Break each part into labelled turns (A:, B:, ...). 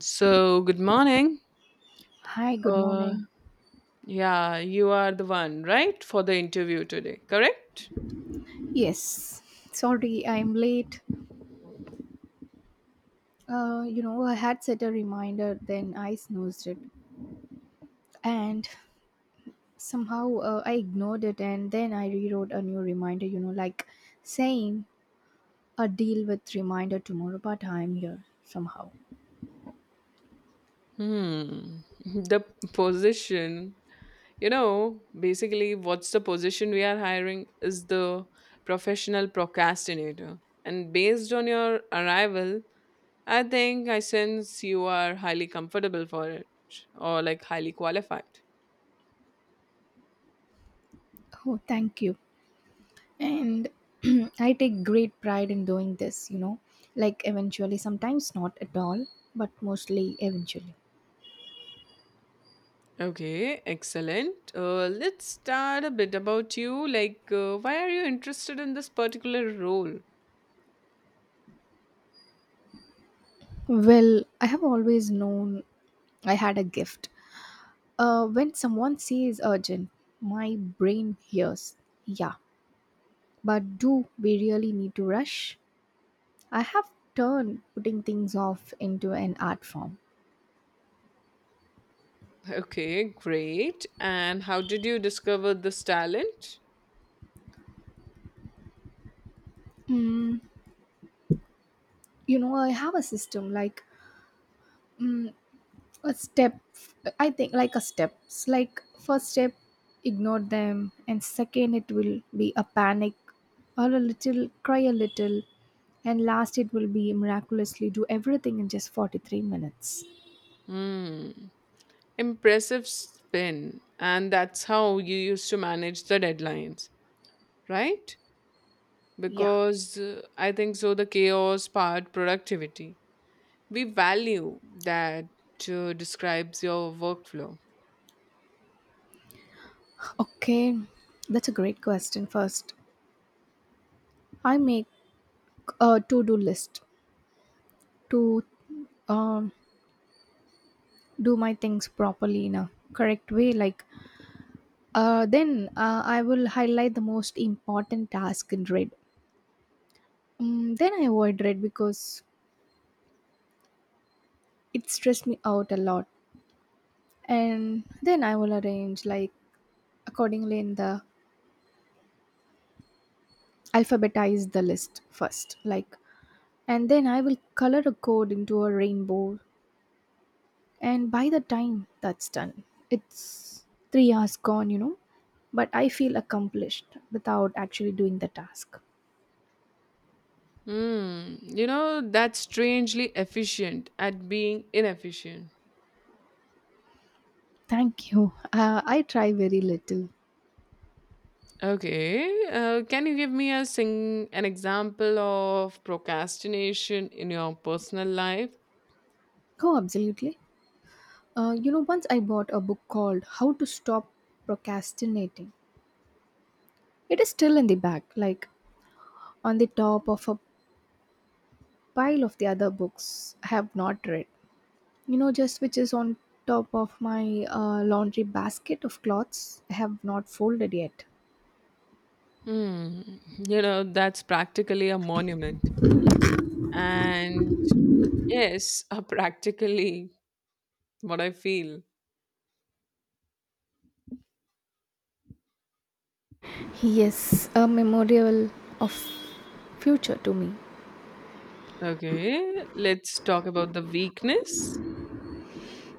A: So, good morning.
B: Hi, good
A: Uh,
B: morning.
A: yeah, you are the one, right, for the interview today, correct?
B: Yes, sorry, I'm late. I had set a reminder, then I snoozed it. And somehow I ignored it, and then I rewrote a new reminder, like saying a deal with reminder tomorrow, but I'm here somehow.
A: Hmm. The position, basically, what's the position we are hiring is the professional procrastinator. And based on your arrival, I think I sense you are highly comfortable for it or like highly qualified.
B: Oh, thank you. And I take great pride in doing this, like eventually, sometimes not at all, but mostly eventually.
A: Okay, excellent. Let's start a bit about you. Like, why are you interested in this particular role?
B: Well, I have always known I had a gift. When someone says urgent, my brain hears, yeah, but do we really need to rush? I have turned putting things off into an art form.
A: Okay, great. And how did you discover this talent?
B: Mm, I have a system, like mm, a step, I think, like a steps, like first step, ignore them, and second, it will be a panic or a little cry a little, and last, it will be miraculously do everything in just 43 minutes.
A: Hmm, impressive spin. And that's how you used to manage the deadlines, right?
B: Yeah.
A: Because I think so, the chaos part, productivity. We value that describes your workflow.
B: Okay, that's a great question. First, I make a to-do list to um, do my things properly in a correct way. Like then I will highlight the most important task in red. Then I avoid red because it stressed me out a lot. And then I will arrange, like, accordingly in the alphabetize the list first. Like, and then I will color a code into a rainbow. And by the time that's done, it's 3 hours gone. But I feel accomplished without actually doing the task.
A: Hmm. That's strangely efficient at being inefficient.
B: Thank you. I try very little.
A: Okay, can you give me a sing an example of procrastination in your personal life?
B: Oh, absolutely. Once I bought a book called How to Stop Procrastinating. It is still in the bag, like on the top of a pile of the other books I have not read. Just which is on top of my laundry basket of clothes I have not folded yet.
A: Hmm, that's practically a monument. And yes, a practically what I feel.
B: Yes, a memorial of future to me.
A: Okay, let's talk about the weakness.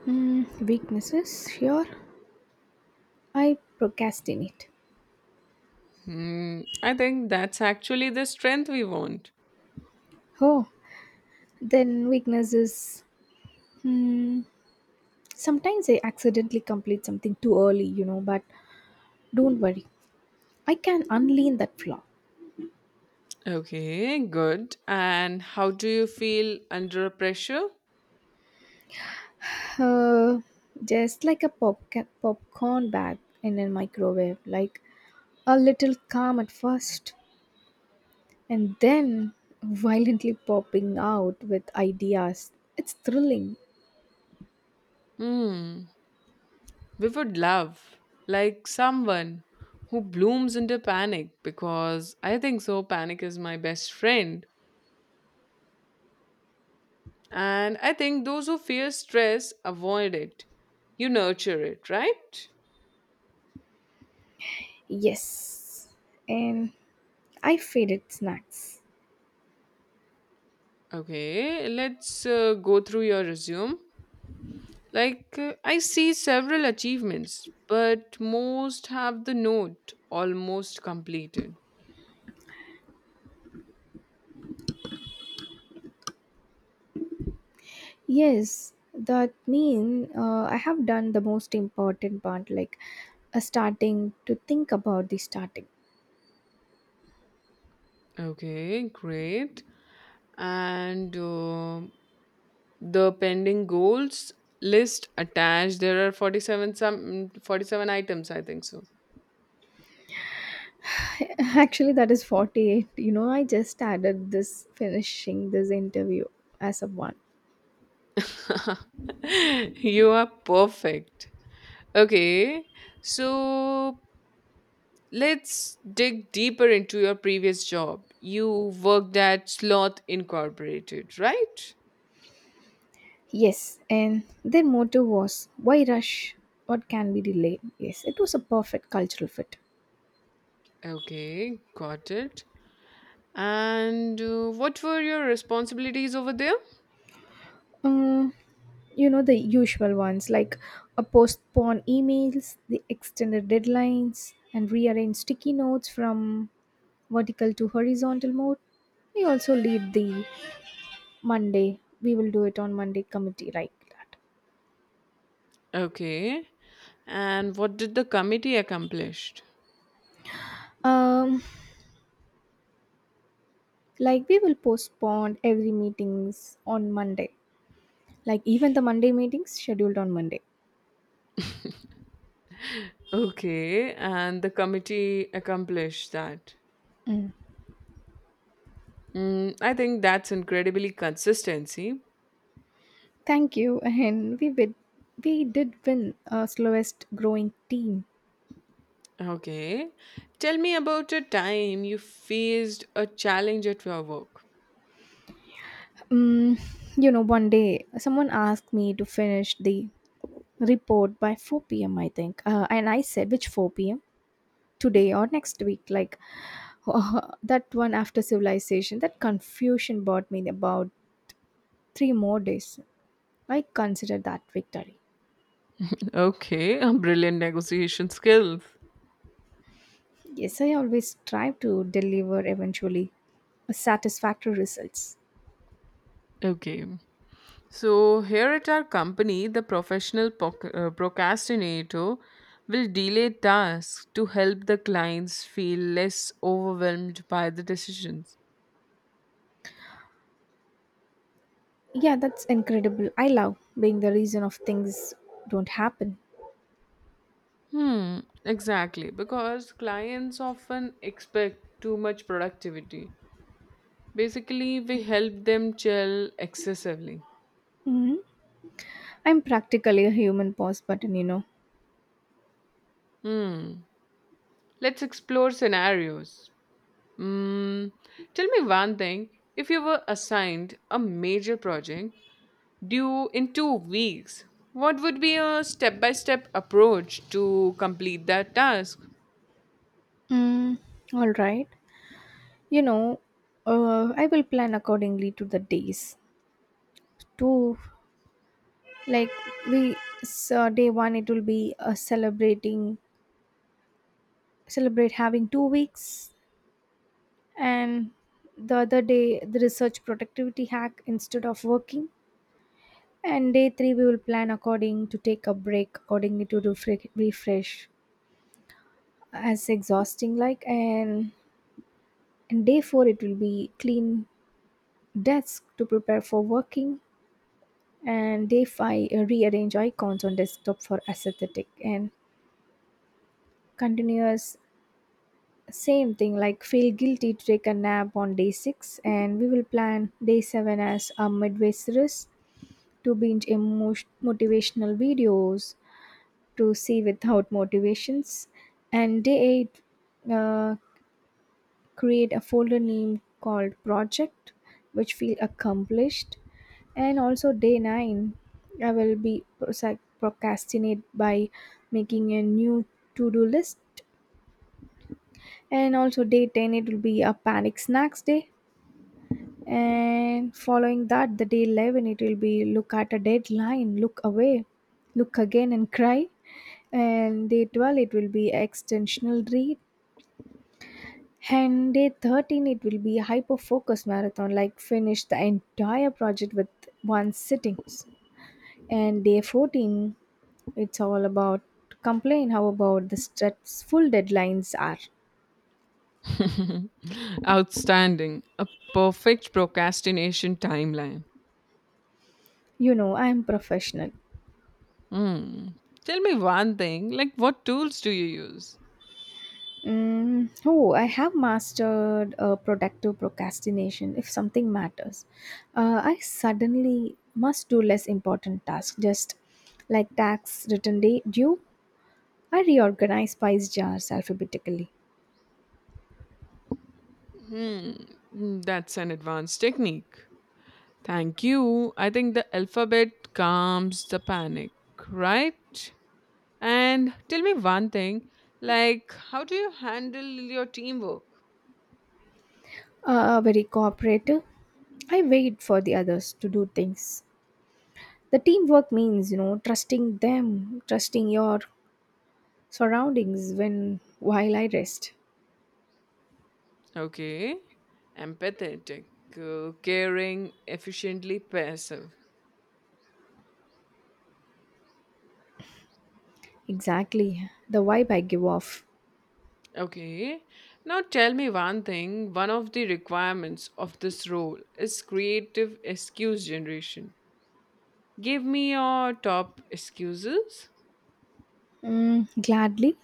B: Mm, weaknesses, sure. I procrastinate.
A: Hmm, I think that's actually the strength we want.
B: Oh, then weaknesses. Hmm. Sometimes I accidentally complete something too early, but don't worry. I can unlearn that flaw.
A: Okay, good. And how do you feel under pressure?
B: Uh, just like a popcorn, bag in a microwave, like a little calm at first, and then violently popping out with ideas. It's thrilling.
A: Hmm, we would love like someone who blooms into panic because I think so. Panic is my best friend, and I think those who fear stress avoid it. You nurture it, right?
B: Yes. And I faded snacks.
A: Okay, let's go through your resume. Like, I see several achievements, but most have the note almost completed.
B: Yes, that mean I have done the most important part, like starting to think about the starting.
A: Okay, great. And the pending goals list attached. There are 47 some 47 items, I think so.
B: Actually, that is 48. I just added this finishing this interview as a one.
A: You are perfect. Okay. So let's dig deeper into your previous job. You worked at Sloth Incorporated, right?
B: Yes, and their motto was, why rush? What can be delayed? Yes, it was a perfect cultural fit.
A: Okay, got it. And what were your responsibilities over there?
B: Um, the usual ones, like a postpone emails, the extended deadlines, and rearrange sticky notes from vertical to horizontal mode. We also lead the Monday, we will do it on Monday committee, like that.
A: Okay. And what did the committee accomplish?
B: Um, like we will postpone every meetings on Monday, like even the Monday meetings scheduled on Monday.
A: Okay, and the committee accomplished that.
B: Mm.
A: Mm, I think that's incredibly consistency.
B: Thank you, and we win. We did win slowest growing team.
A: Okay. Tell me about a time you faced a challenge at your work.
B: Mm, one day someone asked me to finish the report by 4 p.m. I think, and I said, "Which 4 p.m., today or next week?" Like that one after civilization. That confusion brought me about 3 more days. I consider that victory.
A: Okay, a brilliant negotiation skills.
B: Yes, I always try to deliver eventually satisfactory results.
A: Okay. So, here at our company, the professional procrastinator will delay tasks to help the clients feel less overwhelmed by the decisions.
B: Yeah, that's incredible. I love being the reason of things don't happen.
A: Hmm, exactly. Because clients often expect too much productivity. Basically, we help them chill excessively.
B: hmm I'm practically a human pause button.
A: Hmm. Let's explore scenarios. Hmm. Tell me one thing. If you were assigned a major project due in 2 weeks, what would be a step by step approach to complete that task?
B: Mm, all right. You know, I will plan accordingly to the days. To, like, we, so day 1, it will be celebrating celebrate having 2 weeks, and the other day the research productivity hack instead of working. And day 3, we will plan according to take a break accordingly to refresh. As exhausting, like, and day 4 it will be clean desk to prepare for working. And day 5 rearrange icons on desktop for aesthetic and continuous same thing, like feel guilty to take a nap on day 6. And we will plan day 7 as a midway series to binge emotion, motivational videos to see without motivations. And day 8 create a folder name called project, which feel accomplished. And also day 9 I will be procrastinate by making a new to-do list. And also day 10 it will be a panic snacks day. And following that, the day 11 it will be look at a deadline, look away, look again, and cry. And day 12 it will be extensional read. And day 13, it will be hyper focus marathon, like finish the entire project with one sittings. And day 14, it's all about complain how about the stressful deadlines are.
A: Outstanding. A perfect procrastination timeline.
B: You know, I am professional.
A: Mm. Tell me one thing, like what tools do you use?
B: Oh, I have mastered productive procrastination if something matters. I suddenly must do less important tasks, just like tax return day due. I reorganize spice jars alphabetically.
A: Hmm. That's an advanced technique. Thank you. I think the alphabet calms the panic, right? And tell me one thing, like how do you handle your teamwork?
B: Very cooperative. I wait for the others to do things. The teamwork means, trusting them, trusting your surroundings when while I rest.
A: Okay. Empathetic, caring, efficiently passive.
B: Exactly the vibe I give off.
A: Okay. Now tell me one thing. One of the requirements of this role is creative excuse generation. Give me your top excuses.
B: Gladly,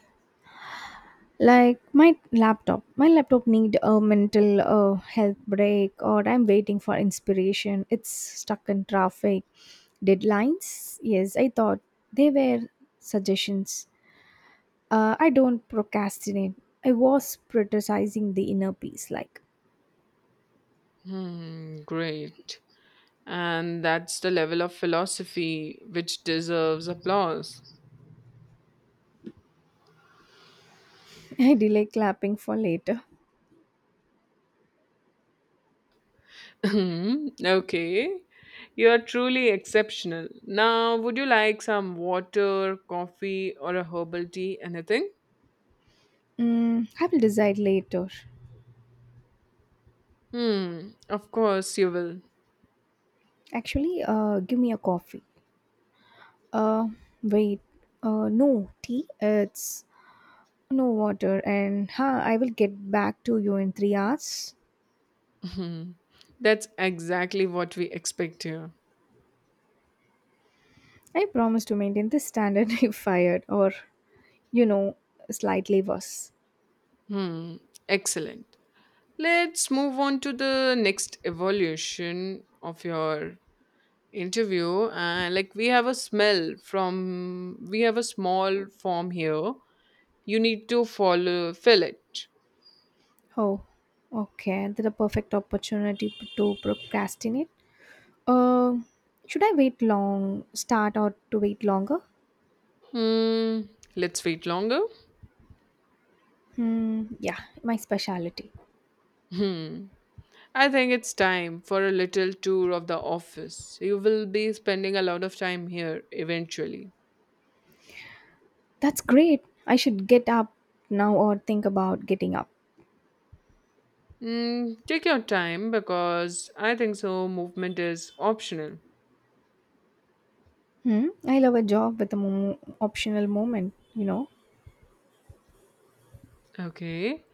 B: like my laptop. My laptop need a mental health break, or I'm waiting for inspiration. It's stuck in traffic. Deadlines. Yes, I thought they were suggestions. I don't procrastinate. I was prioritizing the inner peace, like.
A: Hmm, great. And that's the level of philosophy which deserves applause.
B: I delay clapping for later.
A: Hmm, okay. You are truly exceptional. Now, would you like some water, coffee, or a herbal tea? Anything?
B: I will decide later.
A: Hmm, of course you will.
B: Actually, give me a coffee. Uh, wait. No tea. It's no water, and I will get back to you in 3 hours.
A: Hmm. That's exactly what we expect here.
B: I promise to maintain this standard if fired, or you know, slightly worse.
A: Hmm. Excellent. Let's move on to the next evolution of your interview. Like we have a smell from we have a small form here. You need to follow fill it.
B: Oh, okay. That's a perfect opportunity to procrastinate. Uh, should I wait long, start or to wait longer?
A: Hmm. Let's wait longer.
B: Hmm, yeah, my specialty.
A: Hmm. I think it's time for a little tour of the office. You will be spending a lot of time here eventually.
B: That's great. I should get up now or think about getting up.
A: Mm, take your time because I think so. Movement is optional.
B: Hmm, I love a job with a optional moment.
A: Okay.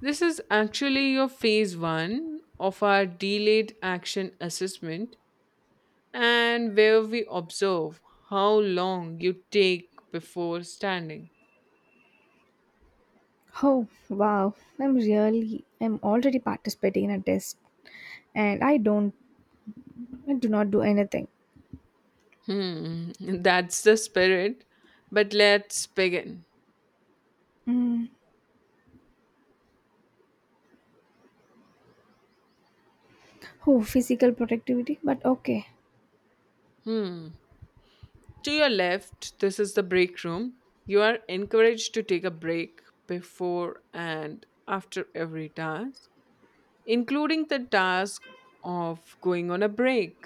A: This is actually your phase one of our delayed action assessment, and where we observe how long you take before standing.
B: Oh, wow. I'm really, I'm already participating in a test, and I do not do anything.
A: Hmm, that's the spirit. But let's begin.
B: Hmm. Oh, physical productivity, but okay.
A: Hmm. To your left, this is the break room. You are encouraged to take a break before and after every task, including the task of going on a break.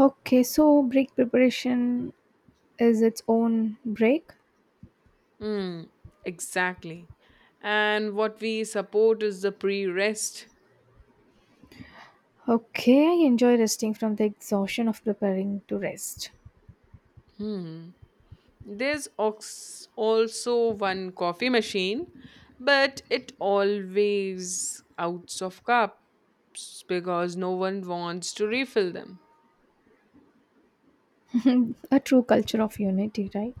B: Okay, so break preparation is its own break.
A: Hmm, exactly. And what we support is the pre rest.
B: Okay, I enjoy resting from the exhaustion of preparing to rest.
A: Hmm. There's also one coffee machine, but it always outs of cups because no one wants to refill them.
B: A true culture of unity, right?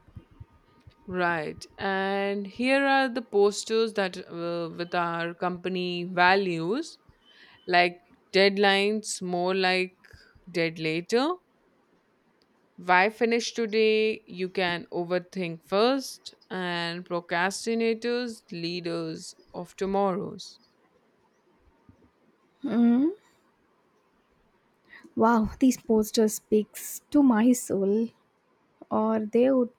A: Right. And here are the posters that with our company values, like deadlines, more like dead later. Why finish today? You can overthink first. And procrastinators, leaders of tomorrows.
B: Mm. Wow, these posters speaks to my soul, or they would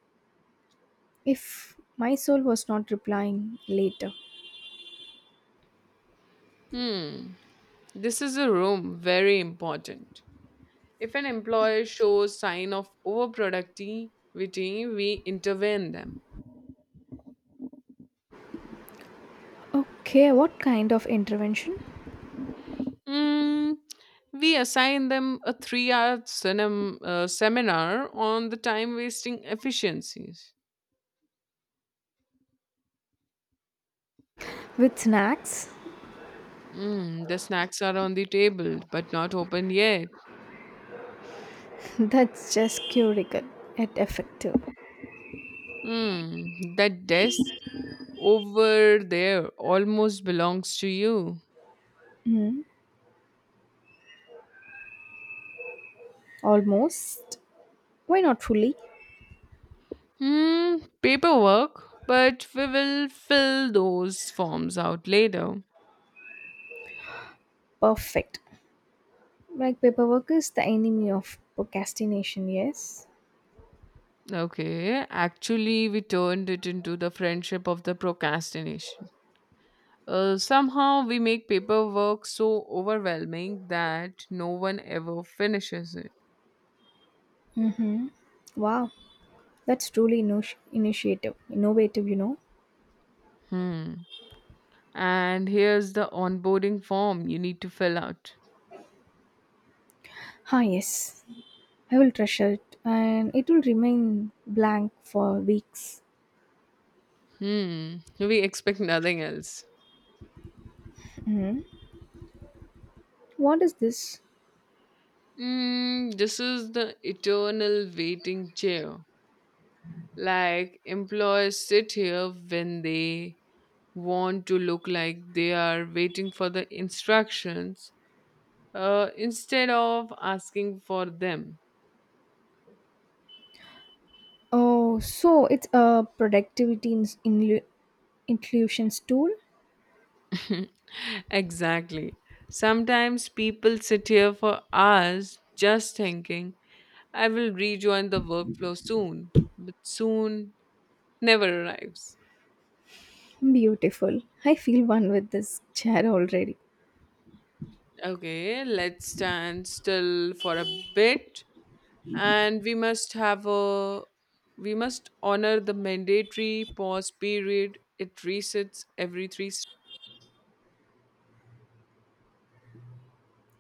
B: if my soul was not replying later.
A: Hmm, this is a room very important. If an employer shows sign of overproductivity, we intervene them.
B: Okay, what kind of intervention?
A: Mm, we assign them a 3-hour seminar on the time-wasting efficiencies.
B: With snacks?
A: Mm, the snacks are on the table, but not open yet.
B: That's just curical and effective.
A: Mm, that desk over there almost belongs to you.
B: Mm. Almost. Why not fully?
A: Hmm, paperwork, but we will fill those forms out later.
B: Perfect. Like paperwork is the enemy of procrastination, yes?
A: Okay, actually, we turned it into the friendship of the procrastination. Somehow, we make paperwork so overwhelming that no one ever finishes it.
B: Mm-hmm. Wow, that's truly initiative, innovative.
A: Hmm. And here's the onboarding form you need to fill out.
B: Ah, yes, I will treasure it and it will remain blank for weeks.
A: Hmm, we expect nothing else.
B: Hmm. What is this?
A: Mm, this is the eternal waiting chair. Like, employers sit here when they want to look like they are waiting for the instructions instead of asking for them.
B: Oh, so it's a productivity inclusions tool.
A: Exactly. Sometimes people sit here for hours just thinking, I will rejoin the workflow soon, but soon never arrives.
B: Beautiful. I feel one with this chair already.
A: Okay, let's stand still for a bit, and we must honor the mandatory pause period. It resets every three s-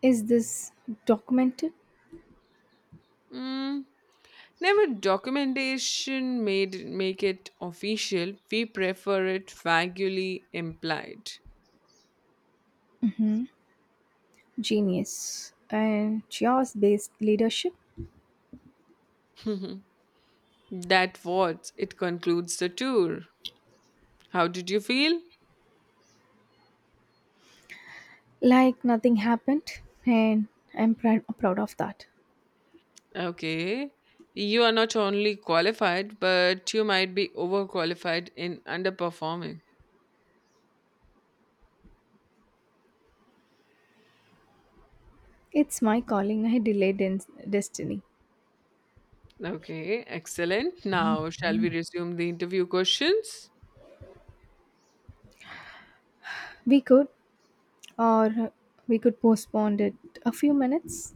B: Is this documented?
A: Mm, never documentation made make it official. We prefer it vaguely implied.
B: Genius. And chaos based leadership?
A: That what it concludes the tour. How did you feel?
B: Like nothing happened, and I'm proud of that.
A: Okay. You are not only qualified, but you might be overqualified in underperforming.
B: It's my calling. I delayed destiny.
A: Okay, excellent. Now, shall we resume the interview questions?
B: We could, or we could postpone it a few minutes.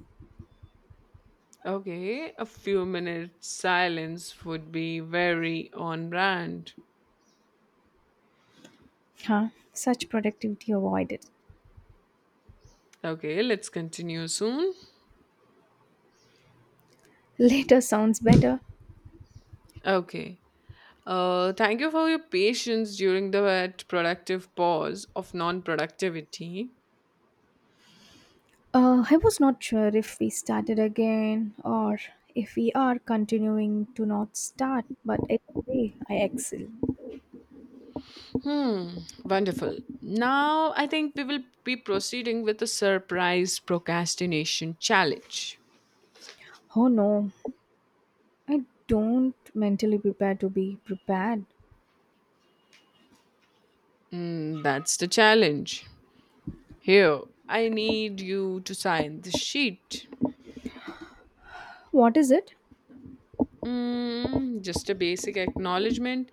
A: Okay, a few minutes silence would be very on brand.
B: Huh? Such productivity avoided.
A: Okay, let's continue soon.
B: Later sounds better.
A: Okay. Thank you for your patience during the that productive pause of non productivity.
B: I was not sure if we started again or if we are continuing to not start, but either way, I excel.
A: Hmm, wonderful. Now I think we will be proceeding with the surprise procrastination challenge.
B: Oh no, I don't mentally prepare to be prepared.
A: Hmm, that's the challenge. Here, I need you to sign the sheet.
B: What is it?
A: Hmm, just a basic acknowledgement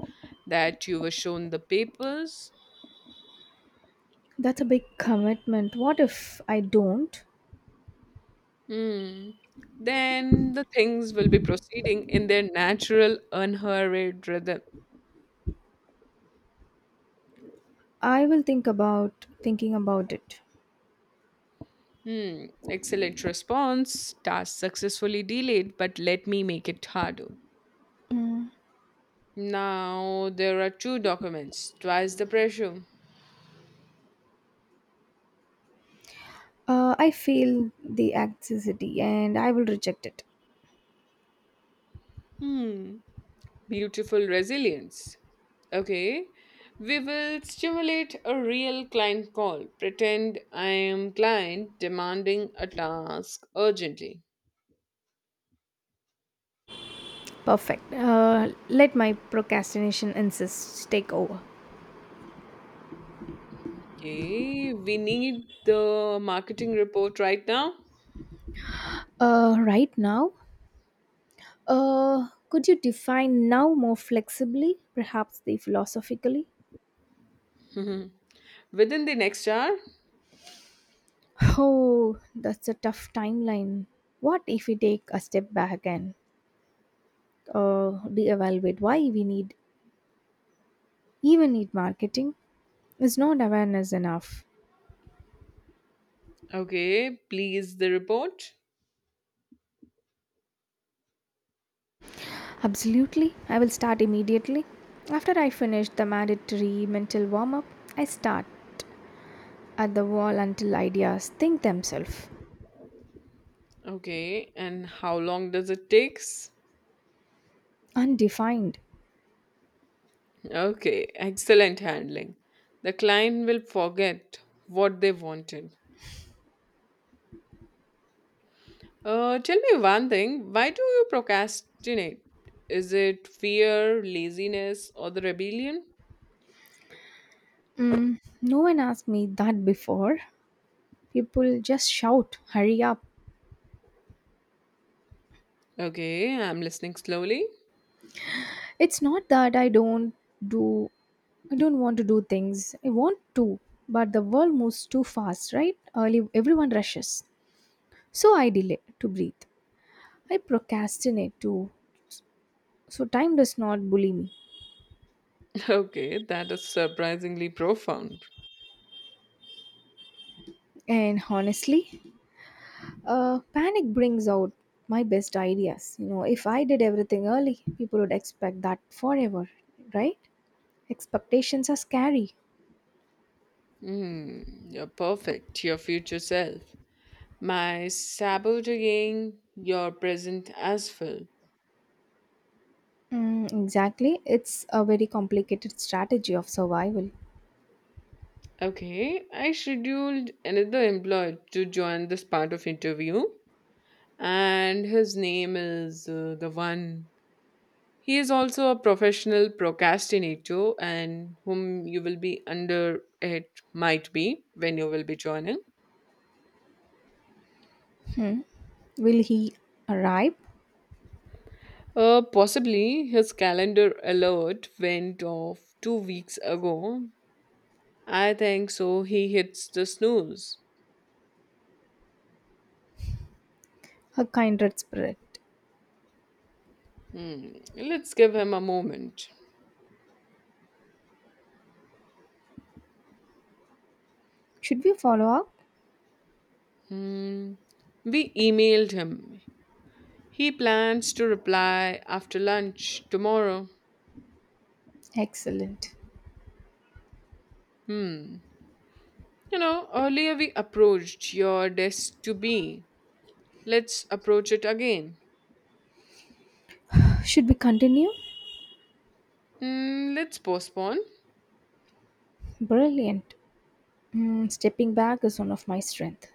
A: that you were shown the papers.
B: That's a big commitment. What if I don't?
A: Hmm. Then the things will be proceeding in their natural, unhurried rhythm.
B: I will think about thinking about it.
A: Hmm, excellent response. Task successfully delayed, but let me make it harder.
B: Mm.
A: Now there are two documents, twice the pressure.
B: I feel the accessity and I will reject it.
A: Hmm, beautiful resilience. Okay, we will stimulate a real client call. Pretend I am client demanding a task urgently.
B: Perfect. Let my procrastination insist take over.
A: Okay, we need the marketing report right now.
B: Right now, could you define now more flexibly, perhaps the philosophically?
A: Within the next hour.
B: Oh, that's a tough timeline. What if we take a step back and reevaluate why we need even need marketing? Is not awareness enough?
A: Okay, please the report.
B: Absolutely. I will start immediately. After I finish the mandatory mental warm up, I start at the wall until ideas think themselves.
A: Okay, and how long does it takes?
B: Undefined.
A: Okay, excellent handling. The client will forget what they wanted. Tell me one thing. Why do you procrastinate? Is it fear, laziness, or the rebellion?
B: Mm, no one asked me that before. People just shout, hurry up.
A: Okay, I'm listening slowly.
B: It's not that do I don't want to do things. I want to, but the world moves too fast, right? Early everyone rushes. So I delay to breathe. I procrastinate too. So time does not bully me.
A: Okay, that is surprisingly profound.
B: And honestly, panic brings out my best ideas. If I did everything early, people would expect that forever, right? Expectations are scary.
A: Hmm, you're perfect, your future self. My sabotaging your present as well.
B: Mm, exactly, it's a very complicated strategy of survival.
A: Okay, I scheduled another employee to join this part of interview, and his name is the one. He is also a professional procrastinator, and whom you will be under it might be when you will be joining.
B: Hmm, will he arrive?
A: Possibly his calendar alert went off 2 weeks ago. I think so. He hits the snooze.
B: A kindred spirit.
A: Hmm. Let's give him a moment.
B: Should we follow up?
A: Hmm. We emailed him. He plans to reply after lunch tomorrow.
B: Excellent.
A: Hmm. Earlier we approached your desk to be. Let's approach it again.
B: Should we continue?
A: Hmm, let's postpone.
B: Brilliant. Stepping back is one of my strength.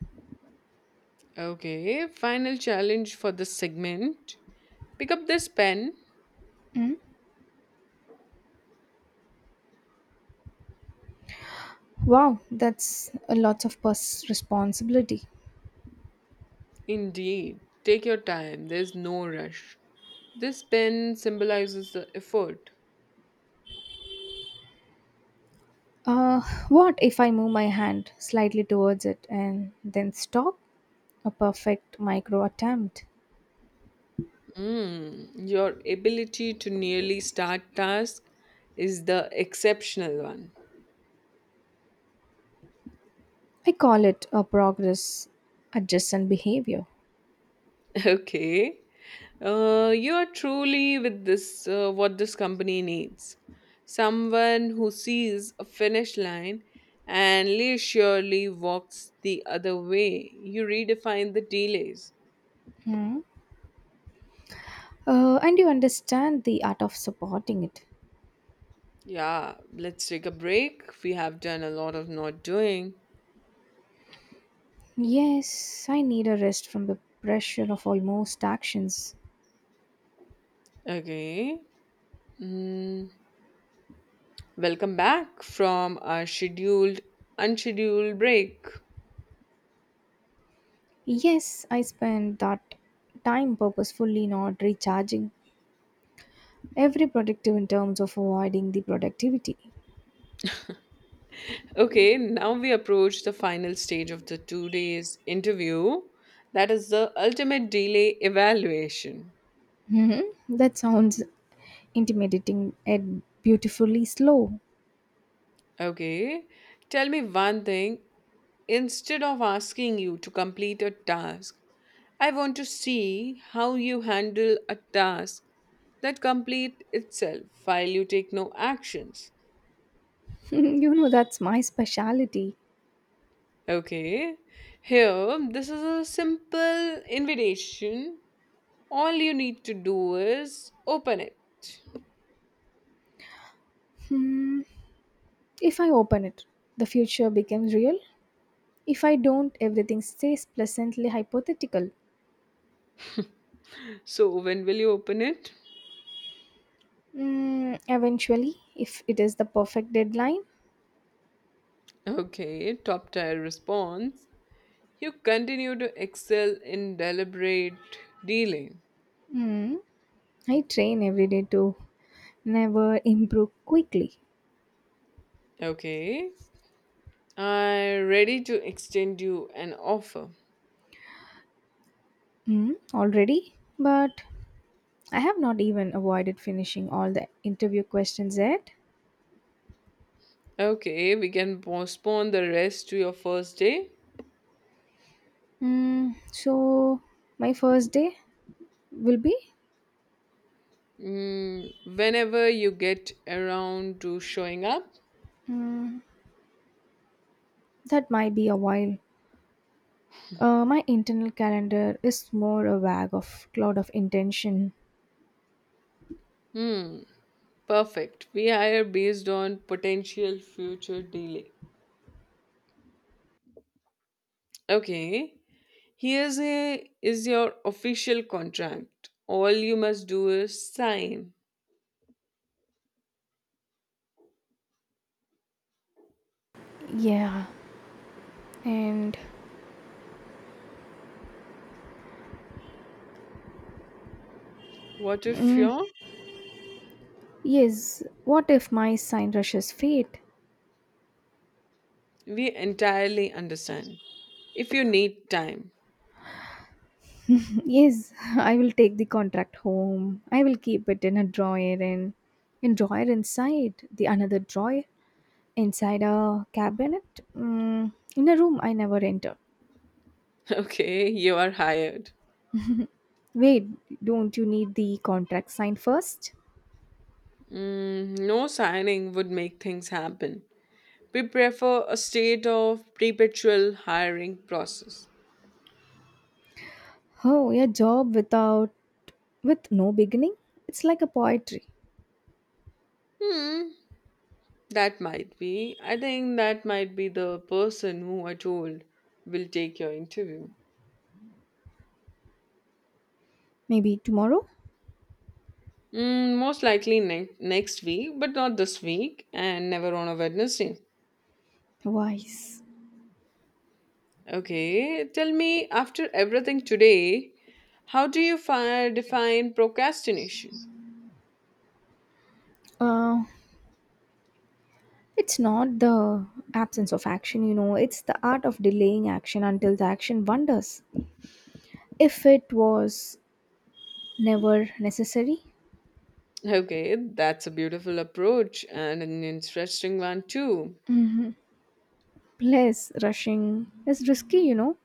A: Okay, final challenge for this segment. Pick up this pen.
B: Hmm? Wow, that's a lot of responsibility.
A: Indeed, take your time. There's no rush. This pen symbolizes the effort.
B: Uh, what if I move my hand slightly towards it and then stop? A perfect micro attempt.
A: Mm, your ability to nearly start task is the exceptional one.
B: I call it a progress adjacent behavior.
A: Okay. You are truly with this, what this company needs. Someone who sees a finish line and leisurely walks the other way. You redefine the delays.
B: Hmm. And you understand the art of supporting it.
A: Yeah, let's take a break. We have done a lot of not doing.
B: Yes, I need a rest from the pressure of almost actions.
A: Okay. Mm. Welcome back from our scheduled, unscheduled break.
B: Yes, I spend that time purposefully not recharging. Every productive in terms of avoiding the productivity.
A: Okay, now we approach the final stage of the 2 days interview. That is the ultimate delay evaluation.
B: Mm-hmm. That sounds intimidating and beautifully slow.
A: Okay, tell me one thing. Instead of asking you to complete a task, I want to see how you handle a task that complete itself while you take no actions.
B: That's my specialty.
A: Okay, here, this is a simple invitation. All you need to do is open it.
B: Hmm. If I open it, the future becomes real. If I don't, everything stays pleasantly hypothetical.
A: So, when will you open it?
B: Mm, eventually, if it is the perfect deadline.
A: Okay, top tier response. You continue to excel in deliberate dealing.
B: mm, I train every day to never improve quickly.
A: Okay, I'm ready to extend you an offer.
B: Mm, already, but I have not even avoided finishing all the interview questions yet.
A: Okay, we can postpone the rest to your first day.
B: So my first day will be
A: Mm, whenever you get around to showing up.
B: mm, that might be a while. My internal calendar is more a bag of cloud of intention.
A: Hmm, perfect. We hire based on potential future delay. Okay. Here's a is your official contract. All you must do is sign.
B: Yeah, and
A: What if
B: mm,
A: you're?
B: yes, what if my sign rushes fate?
A: We entirely understand. If you need time,
B: Yes, I will take the contract home. I will keep it in a drawer and in drawer inside the another drawer inside a cabinet in a room I never enter.
A: okay, you are hired.
B: Wait, don't you need the contract signed first?
A: Mm, no signing would make things happen. We prefer a state of perpetual hiring process.
B: Oh, a job with no beginning? It's like a poetry.
A: Hmm, that might be. I think that might be the person who I told will take your interview.
B: Maybe tomorrow?
A: Mm, most likely next week, but not this week, and never on a Wednesday.
B: Wise.
A: Okay, tell me after everything today, how do you define procrastination?
B: Uh it's not the absence of action, it's the art of delaying action until the action wonders. If it was never necessary.
A: Okay, that's a beautiful approach and an interesting one too.
B: Mm-hmm. Plus, rushing is risky.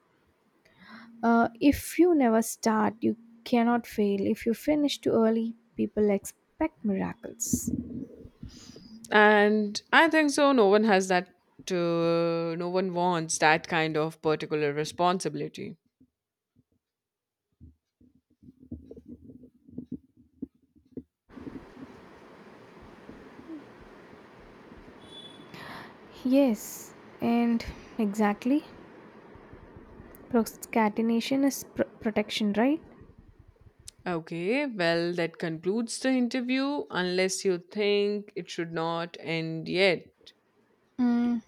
B: If you never start, you cannot fail. If you finish too early, people expect miracles.
A: And I think so, no one has that, no one wants that kind of particular responsibility.
B: Yes, and exactly. Procrastination is protection, right?
A: Okay, well, that concludes the interview, unless you think it should not end yet.
B: Mm,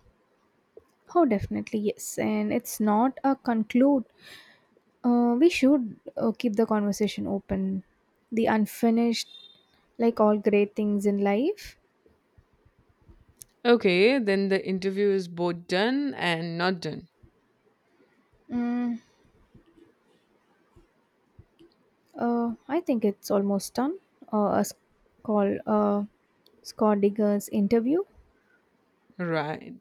B: oh, definitely, yes. And it's not a conclude. We should keep the conversation open. The unfinished, like all great things in life.
A: Okay, then the interview is both done and not done.
B: Mm, I think it's almost done. A call Scott Digger's interview.
A: Right.